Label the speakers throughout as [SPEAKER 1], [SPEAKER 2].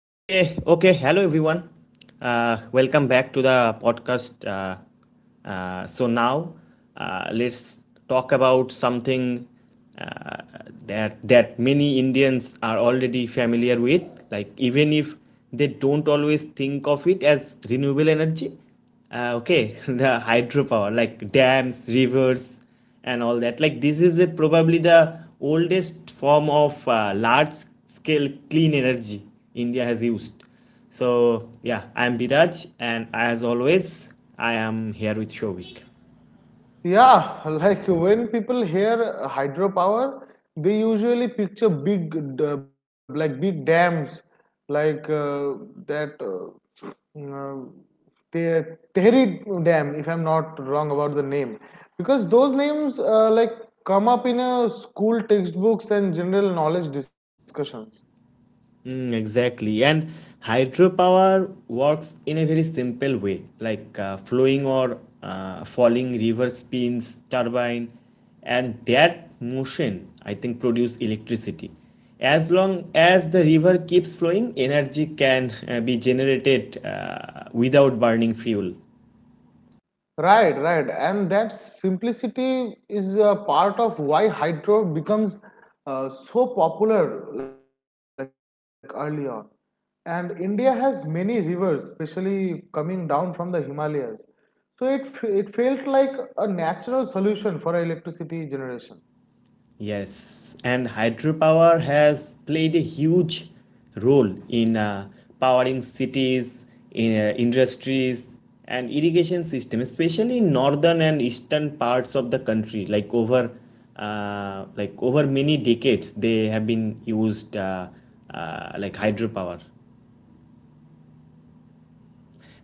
[SPEAKER 1] Okay. Hello, everyone. Welcome back to the podcast. So now, let's talk about something uh, that many Indians are already familiar with. Like even if they don't always think of it as renewable energy, okay, the hydropower, like dams, rivers, and all that. Like this is the, probably the oldest form of large scale clean energy India has used. So yeah, I am Biraj, and as always, I am here with Shovik.
[SPEAKER 2] Yeah, like when people hear hydropower, they usually picture big, like big dams, like uh, that uh, mm, uh, Te- Tehri Dam, if I'm not wrong about the name, because those names like come up in a school textbooks and general knowledge discussions.
[SPEAKER 1] Mm, exactly. And hydropower works in a very simple way, like flowing or falling river spins turbine, and that motion, I think, produce electricity. As long as the river keeps flowing, energy can be generated without burning fuel.
[SPEAKER 2] Right, right. And that simplicity is part of why hydro becomes so popular like early on. And India has many rivers, especially coming down from the Himalayas. So it felt like a natural solution for electricity generation.
[SPEAKER 1] Yes, and hydropower has played a huge role in powering cities, in industries, and irrigation system, especially in northern and eastern parts of the country. Like over many decades, they have been used like hydropower.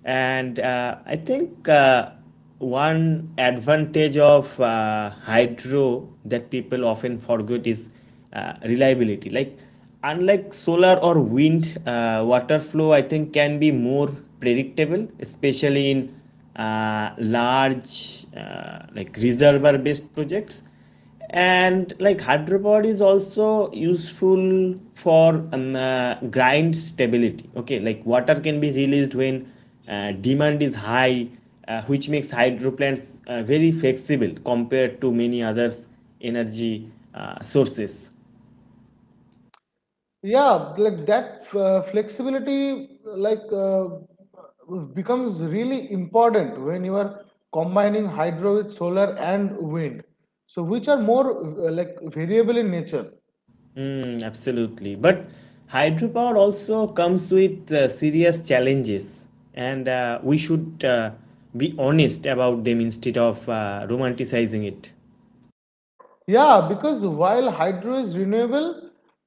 [SPEAKER 1] And I think one advantage of hydro that people often forget is reliability. Like, unlike solar or wind, water flow I think can be more predictable, especially in large like reservoir based projects and like hard is also useful for grind stability, okay, like water can be released when demand is high, which makes hydro plants very flexible compared to many others energy sources.
[SPEAKER 2] Yeah, like that flexibility becomes really important when you are combining hydro with solar and wind, so which are more like variable in nature.
[SPEAKER 1] Mm, absolutely. But hydropower also comes with serious challenges, and we should be honest about them instead of romanticizing it.
[SPEAKER 2] Yeah, because while hydro is renewable,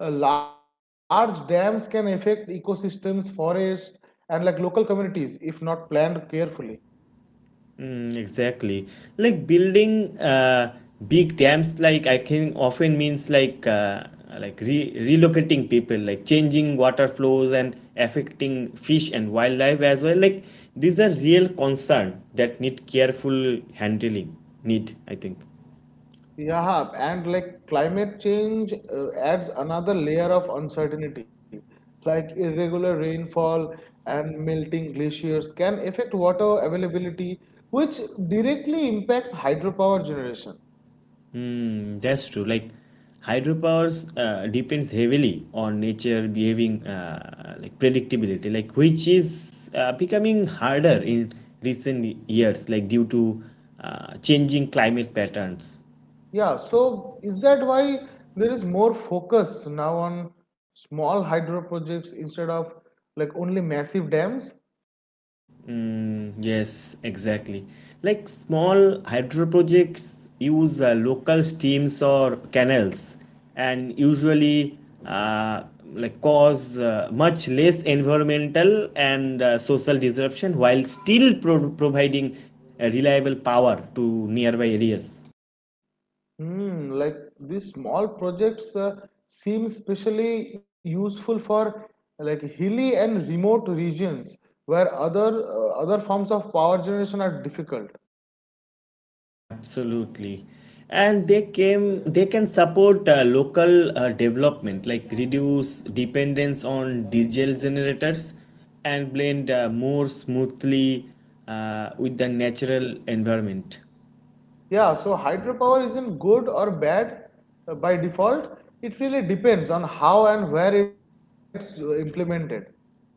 [SPEAKER 2] large dams can affect ecosystems, forests, and like local communities if not planned carefully.
[SPEAKER 1] Mm, exactly. Like building big dams, like I can often means like relocating people, like changing water flows and affecting fish and wildlife as well. Like these are real concern that need careful handling. Need I think.
[SPEAKER 2] Yeah, and like climate change adds another layer of uncertainty. Like irregular rainfall and melting glaciers can affect water availability, which directly impacts hydropower generation.
[SPEAKER 1] Hmm, that's true. Like hydropowers depends heavily on nature behaving like predictability, like which is becoming harder in recent years, like due to changing climate patterns.
[SPEAKER 2] Yeah, so is that why there is more focus now on small hydro projects instead of like only massive dams?
[SPEAKER 1] Mm, yes, exactly. Like small hydro projects use local streams or canals and usually uh, like cause much less environmental and social disruption while still providing reliable power to nearby areas.
[SPEAKER 2] Hmm, like these small projects seem especially useful for like hilly and remote regions where other forms of power generation are difficult.
[SPEAKER 1] Absolutely. And they can support local development like reduce dependence on diesel generators and blend more smoothly with the natural environment.
[SPEAKER 2] Yeah, so hydropower isn't good or bad by default. It really depends on how and where it's implemented.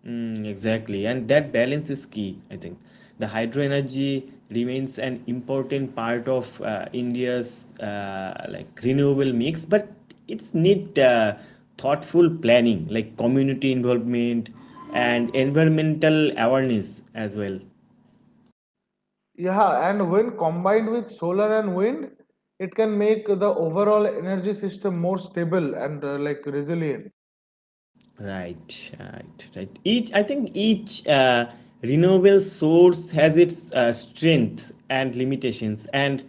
[SPEAKER 1] Mm, exactly, and that balance is key, I think. The hydro energy remains an important part of India's like renewable mix, but it's need thoughtful planning, like community involvement and environmental awareness as well.
[SPEAKER 2] Yeah, and when combined with solar and wind, it can make the overall energy system more stable and like resilient.
[SPEAKER 1] Right, right, right. Each, I think each renewable source has its strengths and limitations, and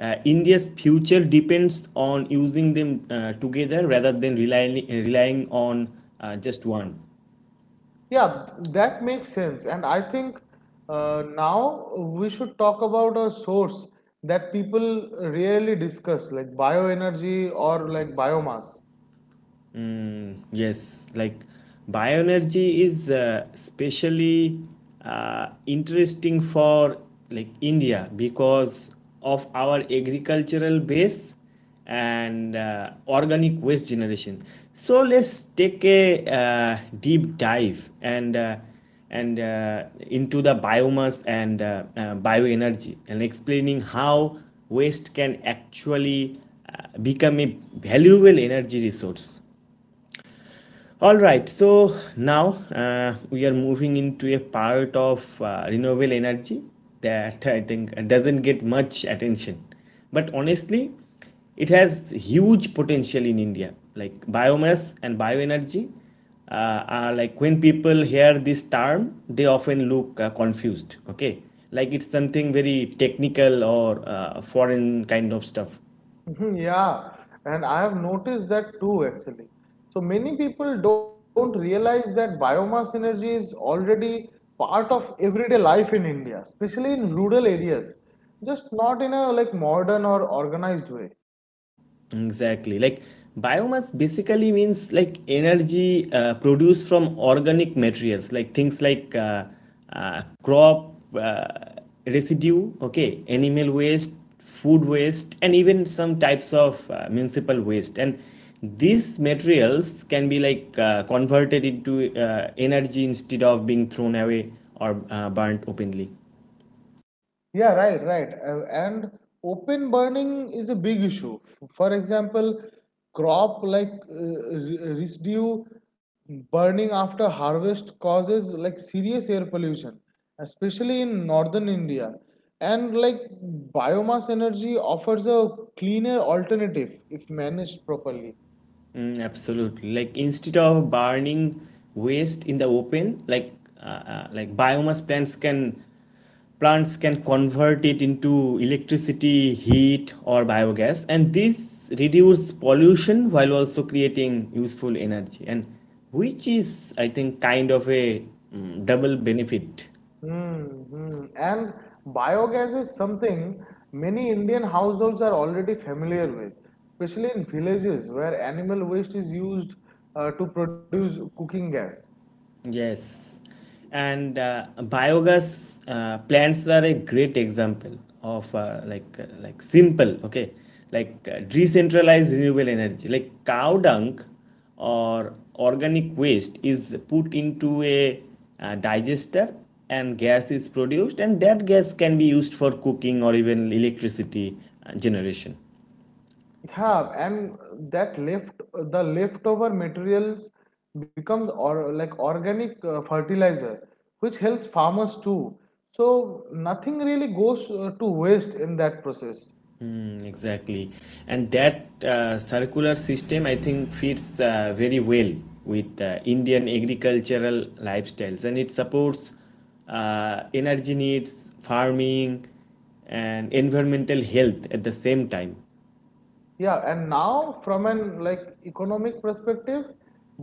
[SPEAKER 1] India's future depends on using them together rather than relying on just one.
[SPEAKER 2] Yeah, that makes sense. And I think now we should talk about a source that people rarely discuss, like bioenergy or like biomass.
[SPEAKER 1] Yes, like bioenergy is specially interesting for like India because of our agricultural base and organic waste generation. So let's take a deep dive and into the biomass and bioenergy and explaining how waste can actually become a valuable energy resource. All right, so now we are moving into a part of renewable energy that I think doesn't get much attention. But honestly, it has huge potential in India. Like biomass and bioenergy are like when people hear this term, they often look confused, okay? Like it's something very technical or foreign kind of stuff.
[SPEAKER 2] Mhm. Yeah, and I have noticed that too actually. So many people don't realize that biomass energy is already part of everyday life in India, especially in rural areas, just not in a like modern or organized way.
[SPEAKER 1] Exactly. Like biomass basically means like energy produced from organic materials, like things like crop residue, okay, animal waste, food waste, and even some types of municipal waste. And these materials can be like converted into energy instead of being thrown away or burnt openly.
[SPEAKER 2] Yeah, right, right. And open burning is a big issue. For example, crop like residue burning after harvest causes like serious air pollution, especially in northern India. And like biomass energy offers a cleaner alternative if managed properly.
[SPEAKER 1] Mm, absolutely. Like instead of burning waste in the open, uh, like biomass plants can convert it into electricity, heat, or biogas, and this reduce pollution while also creating useful energy, and which is I think kind of a double benefit.
[SPEAKER 2] Mm-hmm. And biogas is something many Indian households are already familiar with, especially in villages where animal waste is used to produce cooking gas.
[SPEAKER 1] Yes, and biogas plants are a great example of like simple, okay, like decentralized renewable energy like cow dung or organic waste is put into a digester and gas is produced and that gas can be used for cooking or even electricity generation.
[SPEAKER 2] Yeah, and that left the leftover materials becomes or like organic fertilizer, which helps farmers too. So nothing really goes to waste in that process.
[SPEAKER 1] Mm, exactly. And that circular system, I think, fits very well with Indian agricultural lifestyles and it supports energy needs, farming, and environmental health at the same time.
[SPEAKER 2] Yeah, and now from an like economic perspective,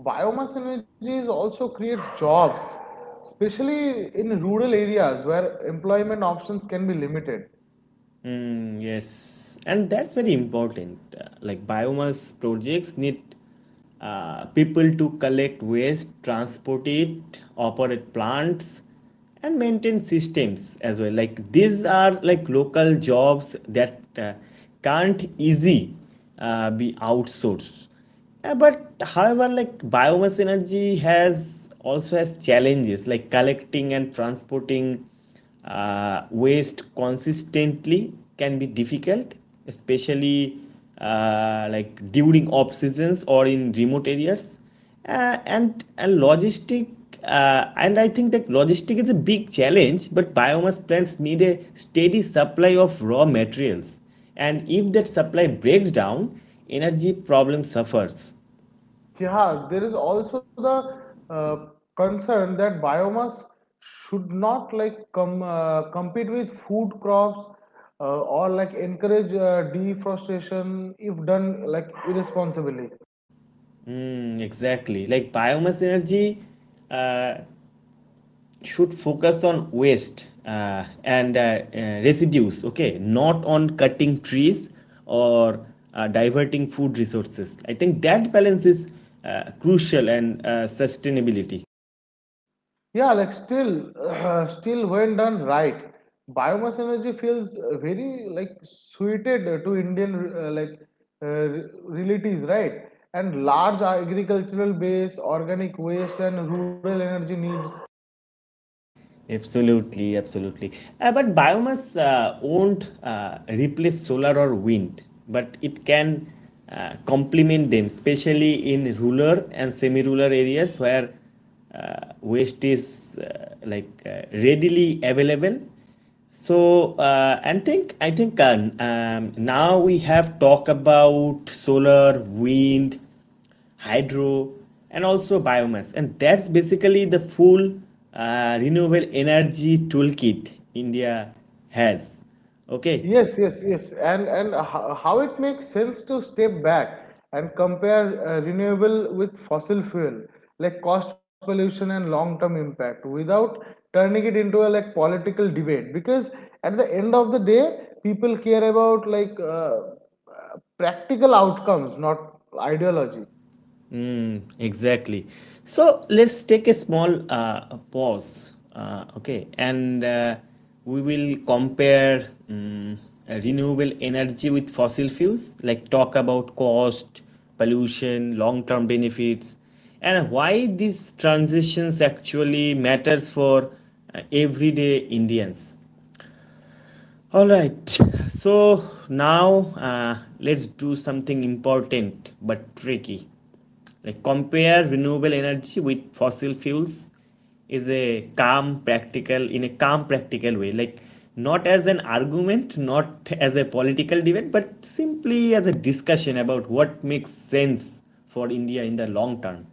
[SPEAKER 2] biomass energy is also creates jobs, especially in rural areas where employment options can be limited.
[SPEAKER 1] Mm, yes, and that's very important. Like biomass projects need people to collect waste, transport it, operate plants, and maintain systems as well. Like these are like local jobs that can't easy be outsourced. But however, like biomass energy has also has challenges like collecting and transporting waste consistently can be difficult, especially like during off seasons or in remote areas, uh, and and logistic and I think that logistic is a big challenge but biomass plants need a steady supply of raw materials, and if that supply breaks down, energy problem suffers.
[SPEAKER 2] Yeah, there is also the concern that biomass should not like come compete with food crops or like encourage deforestation if done like irresponsibly.
[SPEAKER 1] Hmm, exactly, like biomass energy uh, should focus on waste and uh, residues, okay, not on cutting trees or diverting food resources. I think that balance is crucial and sustainability.
[SPEAKER 2] Yeah, like still, still when done right, biomass energy feels very like suited to Indian realities, right? And large agricultural base, organic waste, and rural energy needs.
[SPEAKER 1] Absolutely, absolutely. But biomass won't replace solar or wind, but it can complement them, especially in rural and semi-rural areas where waste is readily available. So, and think I think now we have talked about solar, wind, hydro, and also biomass. And that's basically the full renewable energy toolkit India has. Okay,
[SPEAKER 2] Yes, yes, yes. And how it makes sense to step back and compare renewable with fossil fuel, like cost, pollution, and long-term impact, without turning it into a like political debate. Because at the end of the day, people care about practical outcomes, not ideology.
[SPEAKER 1] exactly. So let's take a small pause, and we will compare renewable energy with fossil fuels, like talk about cost, pollution, long term benefits, and why these transitions actually matters for everyday Indians. All right, so now let's do something important but tricky. Like compare renewable energy with fossil fuels is a calm practical in a calm practical way, like not as an argument, not as a political debate, but simply as a discussion about what makes sense for india in the long term.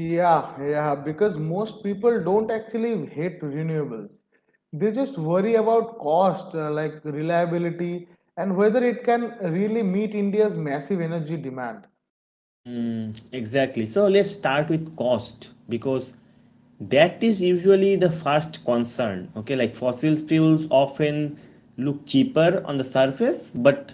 [SPEAKER 2] Yeah, yeah, because most people don't actually hate renewables. They just worry about cost, like reliability, and whether it can really meet India's massive energy demand.
[SPEAKER 1] Exactly. So let's start with cost because that is usually the first concern. Okay, like fossil fuels often look cheaper on the surface, but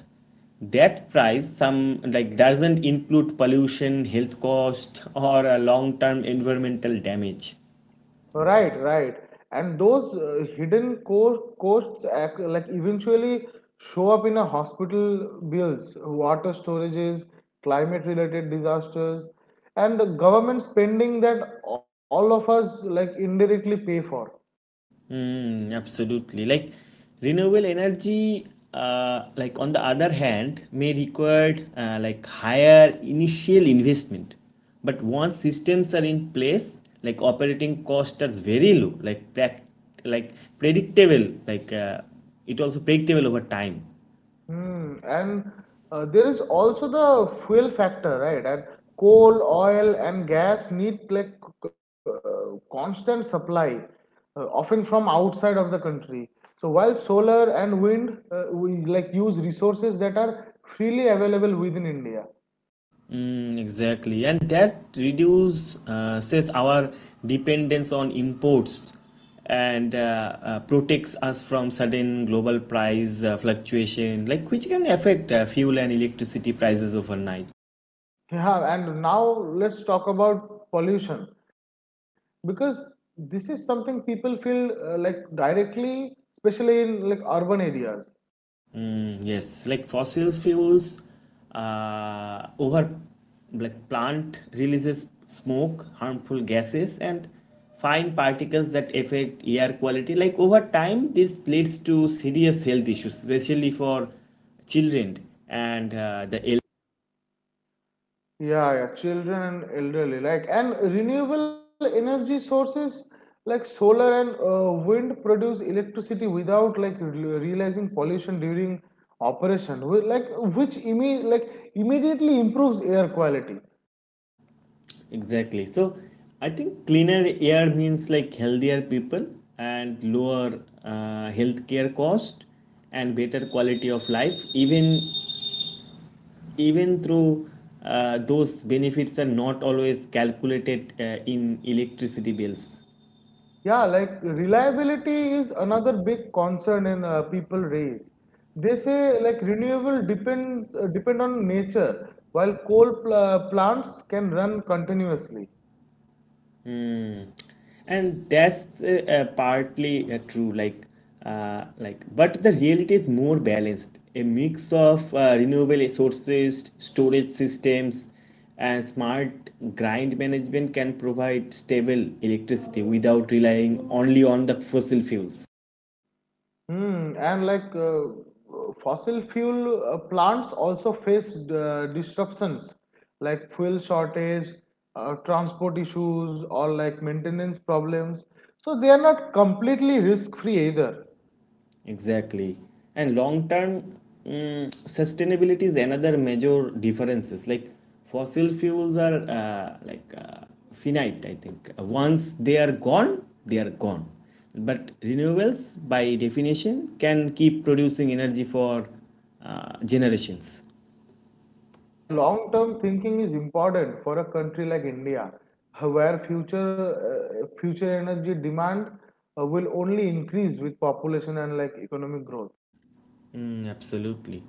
[SPEAKER 1] that price some like doesn't include pollution, health cost, or a long-term environmental damage.
[SPEAKER 2] Right, right. And those hidden costs like eventually show up in a hospital bills, water storages, climate-related disasters, and government spending that all of us like indirectly pay for.
[SPEAKER 1] Mm, absolutely. Like renewable energy, like on the other hand, may require like higher initial investment. But once systems are in place, like operating costs are very low, like predictable, it also predictable over time.
[SPEAKER 2] Hmm. And there is also the fuel factor, right? And coal, oil, and gas need like constant supply, often from outside of the country. So while solar and wind we like use resources that are freely available within India.
[SPEAKER 1] Mm, exactly, and that reduce says our dependence on imports and protects us from sudden global price fluctuation, like which can affect fuel and electricity prices overnight.
[SPEAKER 2] Yeah, and now let's talk about pollution because this is something people feel like directly, especially in like urban areas.
[SPEAKER 1] Mm, yes, like fossil fuels, over like plant releases smoke, harmful gases, and fine particles that affect air quality. Like over time, this leads to serious health issues, especially for children and the elderly.
[SPEAKER 2] Yeah, yeah, children and elderly, like, and renewable energy sources like solar and wind produce electricity without realizing pollution during operation, like immediately improves air quality.
[SPEAKER 1] Exactly. So I think cleaner air means like healthier people and lower healthcare cost and better quality of life. Even through those benefits are not always calculated in electricity bills
[SPEAKER 2] Yeah, like reliability is another big concern in people raise. They say like renewable depend on nature, while plants can run continuously.
[SPEAKER 1] and that's partly true, like but the reality is more balanced, a mix of renewable sources, storage systems and smart grid management can provide stable electricity without relying only on the fossil fuels.
[SPEAKER 2] Hmm, and fossil fuel plants also face disruptions like fuel shortage, transport issues, or like maintenance problems. So they are not completely risk free either.
[SPEAKER 1] Exactly. And long term mm, sustainability is another major differences. Like fossil fuels are finite, I think. Once they are gone, they are gone. But renewables, by definition, can keep producing energy for generations.
[SPEAKER 2] Yeah, that long term thinking is important for a country like India, where future energy demand will only increase with population and like economic growth.
[SPEAKER 1] Mm, absolutely.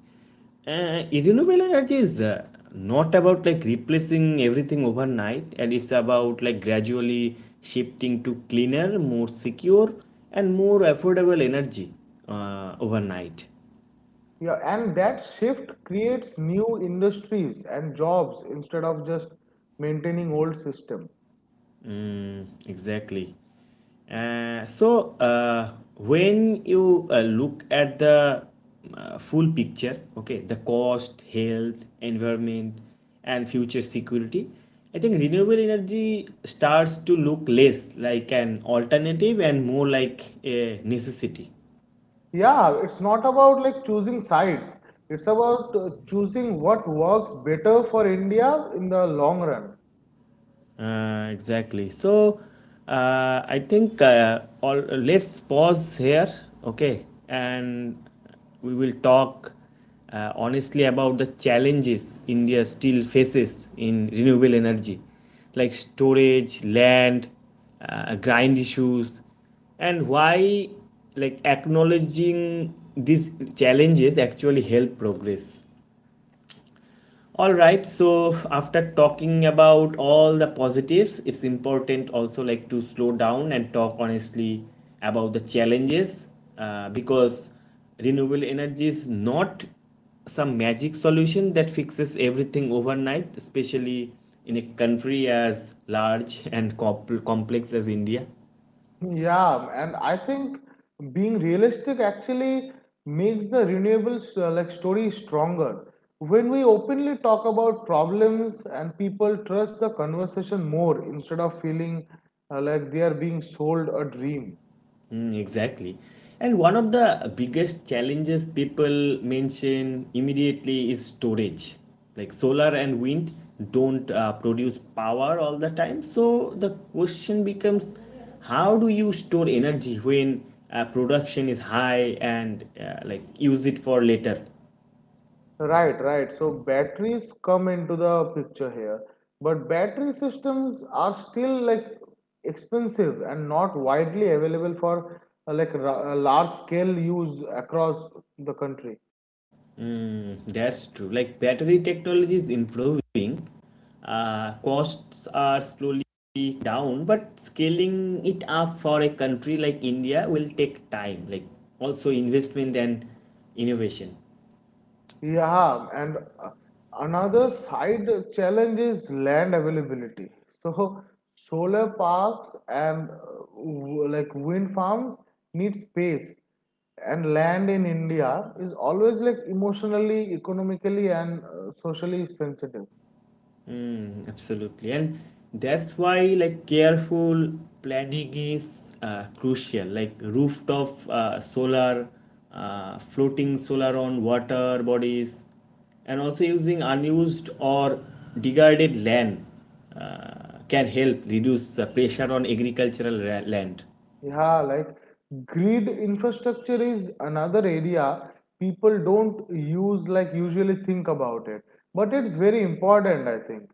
[SPEAKER 1] Renewable energy is not about like replacing everything overnight, and it's about like gradually shifting to cleaner, more secure, and more affordable energy overnight.
[SPEAKER 2] Yeah, and that shift creates new industries and jobs instead of just maintaining old system.
[SPEAKER 1] Mm, exactly. So, uh, when you look at the full picture, okay, the cost, health, environment, and future security, I think renewable energy starts to look less like an alternative and more like a necessity.
[SPEAKER 2] Yeah, it's not about like choosing sides. It's about choosing what works better for India in the long run.
[SPEAKER 1] Exactly. So, I think all let's pause here, okay, and we will talk honestly about the challenges India still faces in renewable energy, like storage, land, grind issues, and why like acknowledging these challenges actually help progress. All right, so after talking about all the positives, it's important also like to slow down and talk honestly about the challenges because renewable energy is not some magic solution that fixes everything overnight, especially in a country as large and complex as India.
[SPEAKER 2] Yeah, and I think being realistic actually makes the renewables like story stronger. When we openly talk about problems and people trust the conversation more instead of feeling like they are being sold a dream.
[SPEAKER 1] Mm, exactly. And one of the biggest challenges people mention immediately is storage. Like solar and wind don't produce power all the time. So the question becomes, how do you store energy when production is high and use it for later?
[SPEAKER 2] Right, right. So batteries come into the picture here, but battery systems are still like expensive and not widely available for large scale use across the country.
[SPEAKER 1] Mm, that's true. Battery technology is improving, costs are slowly down, but scaling it up for a country like India will take time, like also investment and innovation.
[SPEAKER 2] Yeah, and another side challenge is land availability. So solar parks and like wind farms need space, and land in India is always like emotionally, economically, and socially sensitive.
[SPEAKER 1] Mm, absolutely. And that's why careful planning is crucial. Like rooftop solar, floating solar on water bodies, and also using unused or degraded land can help reduce pressure on agricultural land.
[SPEAKER 2] Yeah, like grid infrastructure is another area people don't use like usually think about it, but it's very important, I think.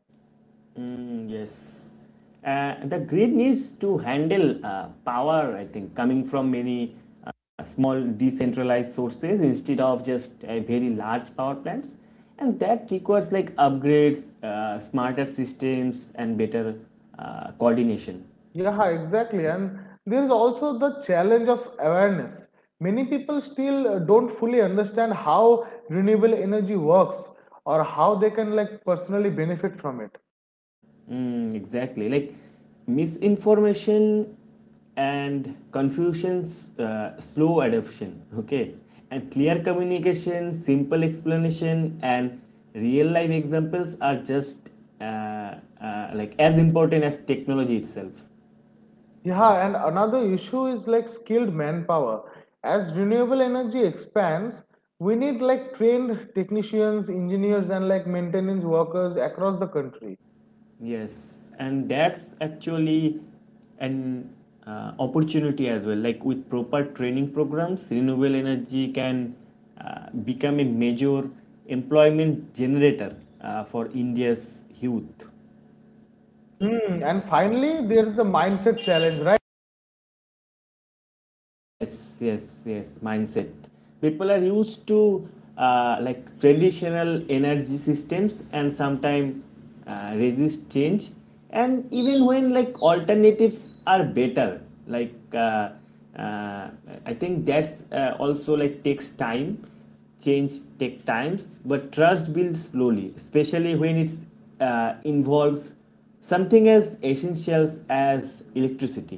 [SPEAKER 1] Mm, yes. The grid needs to handle power, I think, coming from many small decentralized sources instead of just very large power plants. And that requires like upgrades, smarter systems, and better coordination.
[SPEAKER 2] Yeah, exactly. And there is also the challenge of awareness. Many people still don't fully understand how renewable energy works or how they can like personally benefit from it.
[SPEAKER 1] Mm, exactly. Like misinformation and confusions, slow adoption. Okay. And clear communication, simple explanation, and real life examples are just uh, as important as technology itself.
[SPEAKER 2] Yeah, and another issue is like skilled manpower. As renewable energy expands, we need like trained technicians, engineers, and like maintenance workers across the country.
[SPEAKER 1] Yes, and that's actually an opportunity as well. Like with proper training programs, renewable energy can become a major employment generator for India's youth.
[SPEAKER 2] Hmm. And finally, there is a mindset challenge, right?
[SPEAKER 1] Yes, yes, yes, mindset. People are used to traditional energy systems and sometimes resist change. And even when like alternatives are better, uh, I think that's also like takes time. Change take times, but trust builds slowly, especially when it's involves something as essential as electricity.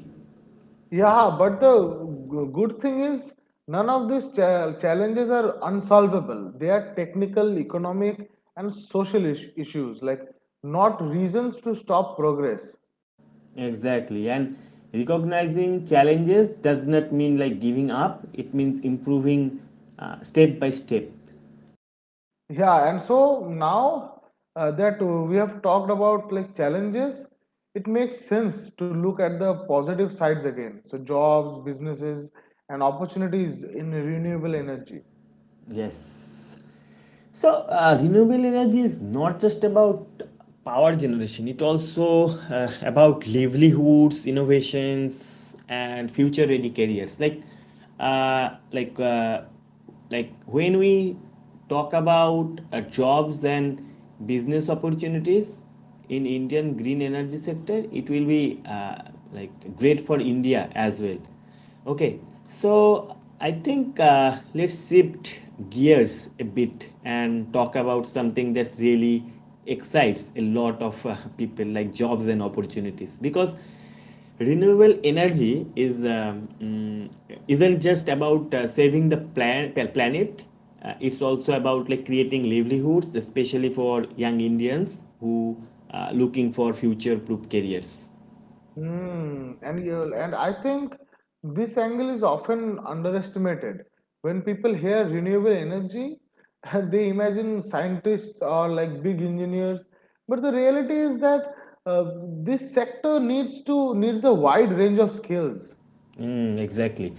[SPEAKER 2] Yeah, but the good thing is none of these challenges are unsolvable. They are technical, economic, and social issues, like not reasons to stop progress.
[SPEAKER 1] Exactly. And recognizing challenges does not mean like giving up, it means improving step by step.
[SPEAKER 2] Yeah, and so now that we have talked about like challenges, it makes sense to look at the positive sides again. So jobs, businesses, and opportunities in renewable energy.
[SPEAKER 1] Yes. So, renewable energy is not just about power generation, it also about livelihoods, innovations, and future ready careers. Uh, like, uh, when we talk about jobs and business opportunities in Indian green energy sector, it will be great for India as well. Okay, so I think let's shift gears a bit and talk about something that's really excites a lot of people, like jobs and opportunities, because renewable energy is isn't just about saving the planet. It's also about like creating livelihoods, especially for young Indians who are looking for future-proof careers.
[SPEAKER 2] Hmm. And you and I think this angle is often underestimated. When people hear renewable energy, they imagine scientists or like big engineers. But the reality is that uh, this sector needs a wide range of skills.
[SPEAKER 1] Mm, exactly.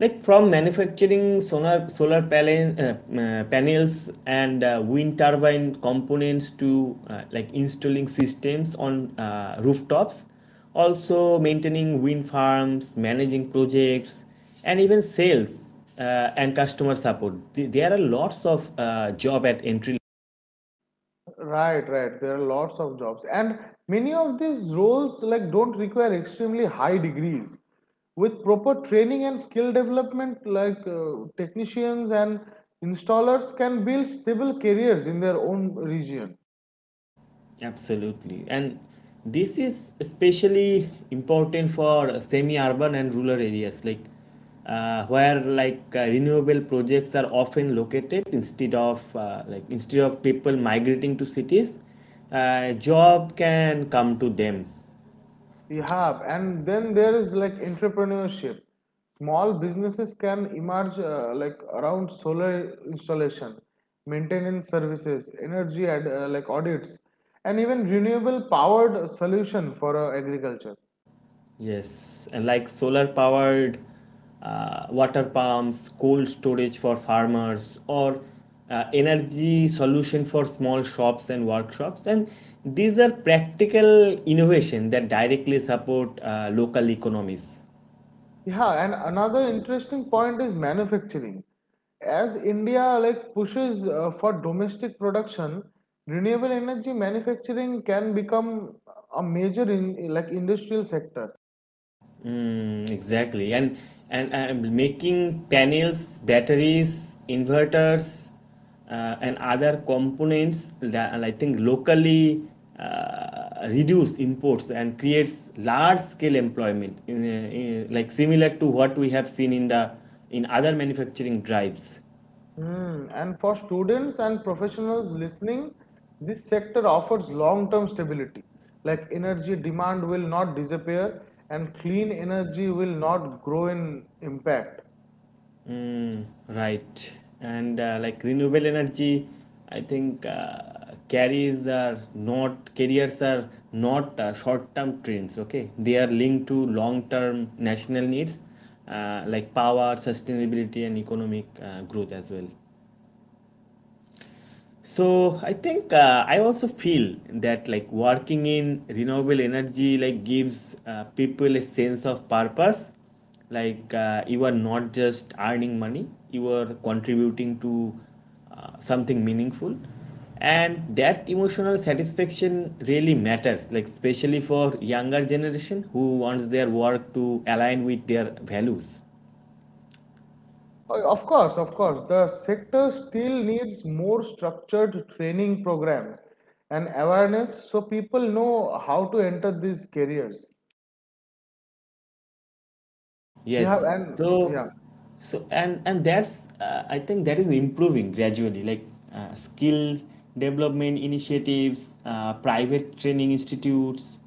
[SPEAKER 1] Like from manufacturing solar panels and wind turbine components to installing systems on rooftops, also maintaining wind farms, managing projects, and even sales uh, and customer support. There are lots of job at entry.
[SPEAKER 2] Right, right. There are lots of jobs, and many of these roles like don't require extremely high degrees. With proper training and skill development, like technicians and installers can build stable careers in their own region.
[SPEAKER 1] Absolutely. And this is especially important for semi-urban and rural areas, where renewable projects are often located instead of instead of people migrating to cities, job can come to them.
[SPEAKER 2] You have, and then there is like entrepreneurship. Small businesses can emerge like around solar installation, maintenance services, like audits, and even renewable powered solution for agriculture.
[SPEAKER 1] Yes, and like solar powered water pumps, cold storage for farmers, or energy solution for small shops and workshops. And these are practical innovation that directly support local economies.
[SPEAKER 2] Yeah, and another interesting point is manufacturing. As India like pushes for domestic production, renewable energy manufacturing can become a major in like industrial sector.
[SPEAKER 1] Mm, exactly. And making panels, batteries, inverters, and other components, that- and I think locally reduce imports and creates large scale employment, in, like similar to what we have seen in the in other manufacturing drives.
[SPEAKER 2] Hmm. And for students and professionals listening, this sector offers long-term stability. Like energy demand will not disappear and clean energy will not grow in impact.
[SPEAKER 1] Mm, right. And renewable energy, I think carries are not carriers are not short-term trends. Okay, they are linked to long-term national needs like power, sustainability, and economic growth as well. So I think I also feel that like working in renewable energy like gives people a sense of purpose. Like you are not just earning money, you are contributing to something meaningful, and that emotional satisfaction really matters. Like especially for younger generation who wants their work to align with their values.
[SPEAKER 2] Of course, of course, the sector still needs more structured training programs and awareness so people know how to enter these careers. Yeah,
[SPEAKER 1] Yes.
[SPEAKER 2] and
[SPEAKER 1] So,
[SPEAKER 2] yeah,
[SPEAKER 1] so and that's I think that is improving gradually. Like skill development initiatives, private training institutes,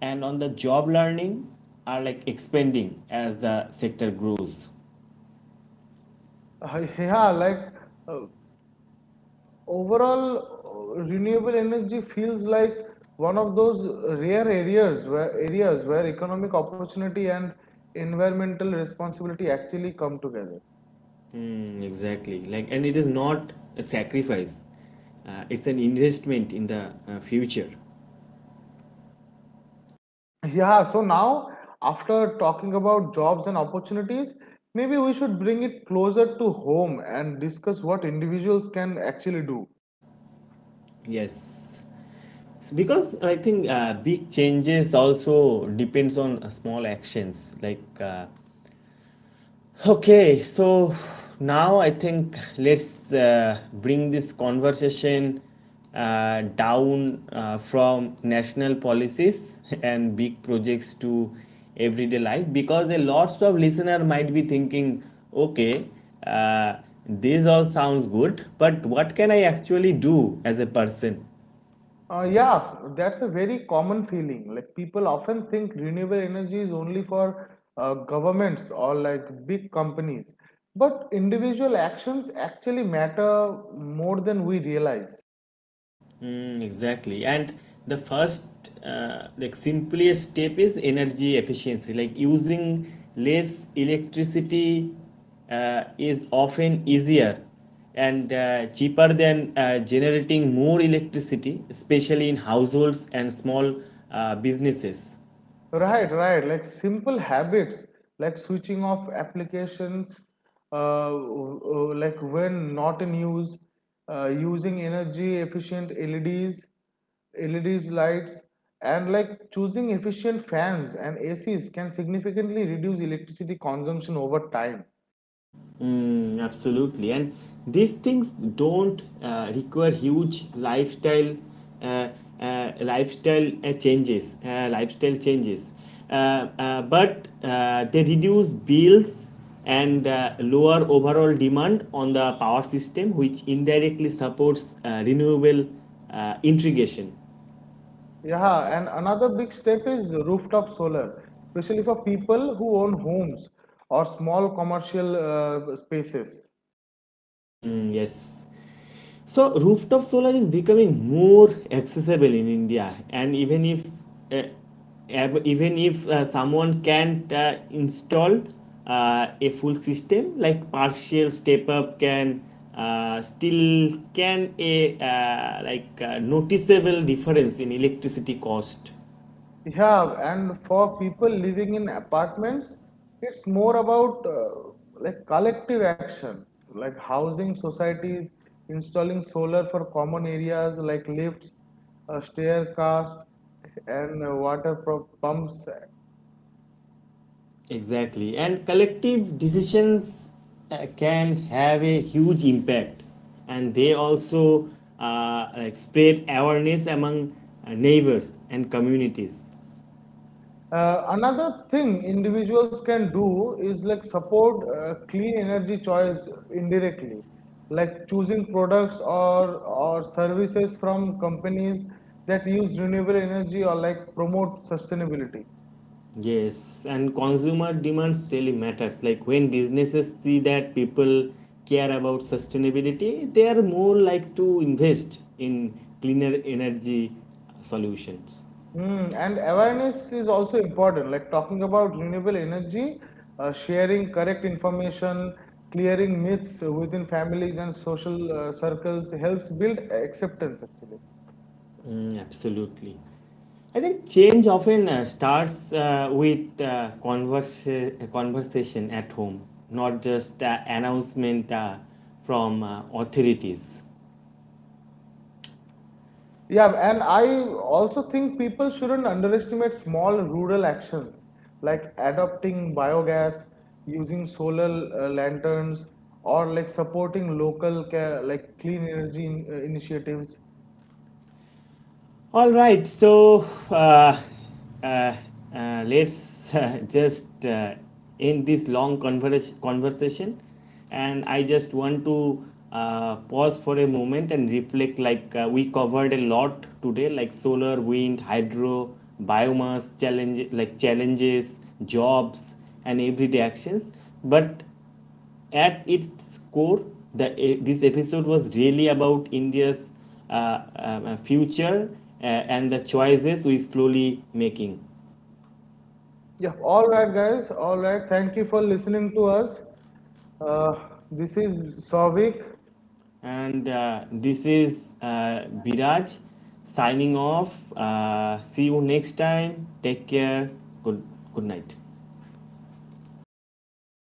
[SPEAKER 1] and on the job learning are like expanding as the sector grows.
[SPEAKER 2] yeah, uh, overall, renewable energy feels like one of those rare areas where economic opportunity and environmental responsibility actually come together.
[SPEAKER 1] Mm, exactly. Like, and it is not a sacrifice. It's an investment in the future.
[SPEAKER 2] Yeah, so now after talking about jobs and opportunities, maybe we should bring it closer to home and discuss what individuals can actually do.
[SPEAKER 1] Yes. So because I think big changes also depends on small actions okay, so now I think let's bring this conversation down from national policies and big projects to everyday life because a lots of listener might be thinking, okay, uh, this all sounds good, but what can I actually do as a person?
[SPEAKER 2] Yeah, that's a very common feeling. Like people often think renewable energy is only for governments or like big companies, but individual actions actually matter more than we realize.
[SPEAKER 1] Mm, exactly. And the first, simplest step is energy efficiency. Like using less electricity is often easier and cheaper than generating more electricity, especially in households and small businesses.
[SPEAKER 2] Right, right. Like simple habits, like switching off applications, uh, w- like when not in use, using energy efficient LEDs lights, and like choosing efficient fans and ACs can significantly reduce electricity consumption over time.
[SPEAKER 1] Mm, absolutely, and these things don't require huge lifestyle uh, lifestyle changes lifestyle changes, uh, but they reduce bills and lower overall demand on the power system, which indirectly supports renewable integration.
[SPEAKER 2] Yeah, and another big step is rooftop solar, especially for people who own homes or small commercial spaces.
[SPEAKER 1] Mm, yes. So rooftop solar is becoming more accessible in India, and even if someone can't install a full system, like partial step up can still can a noticeable difference in electricity cost.
[SPEAKER 2] Yeah, and for people living in apartments, it's more about like collective action, like housing societies, installing solar for common areas like lifts, staircase, and pumps.
[SPEAKER 1] Exactly. And collective decisions can have a huge impact. And they also spread awareness among neighbors and communities.
[SPEAKER 2] Another thing individuals can do is like support clean energy choice indirectly, like choosing products or services from companies that use renewable energy or like promote sustainability.
[SPEAKER 1] Yes, and consumer demands really matters. Like when businesses see that people care about sustainability, they are more like to invest in cleaner energy solutions.
[SPEAKER 2] Hmm, and awareness is also important, like talking about renewable energy, sharing correct information, clearing myths within families and social circles helps build acceptance actually.
[SPEAKER 1] Mm, absolutely. I think change often starts with conversation at home, not just announcement from authorities.
[SPEAKER 2] Yeah, and I also think people shouldn't underestimate small rural actions like adopting biogas, using solar lanterns, or like supporting local ca like clean energy in initiatives.
[SPEAKER 1] All right, so uh, let's just end this long conversation, and I just want to pause for a moment and reflect. Like we covered a lot today, like solar, wind, hydro, biomass challenge, like challenges, jobs, and everyday actions. But at its core, this episode was really about India's future and the choices we're slowly making.
[SPEAKER 2] Yeah, all right, guys. All right. Thank you for listening to us. Uh, this is Savik.
[SPEAKER 1] And this is Biraj signing off. See you next time. Take care. Good, good night.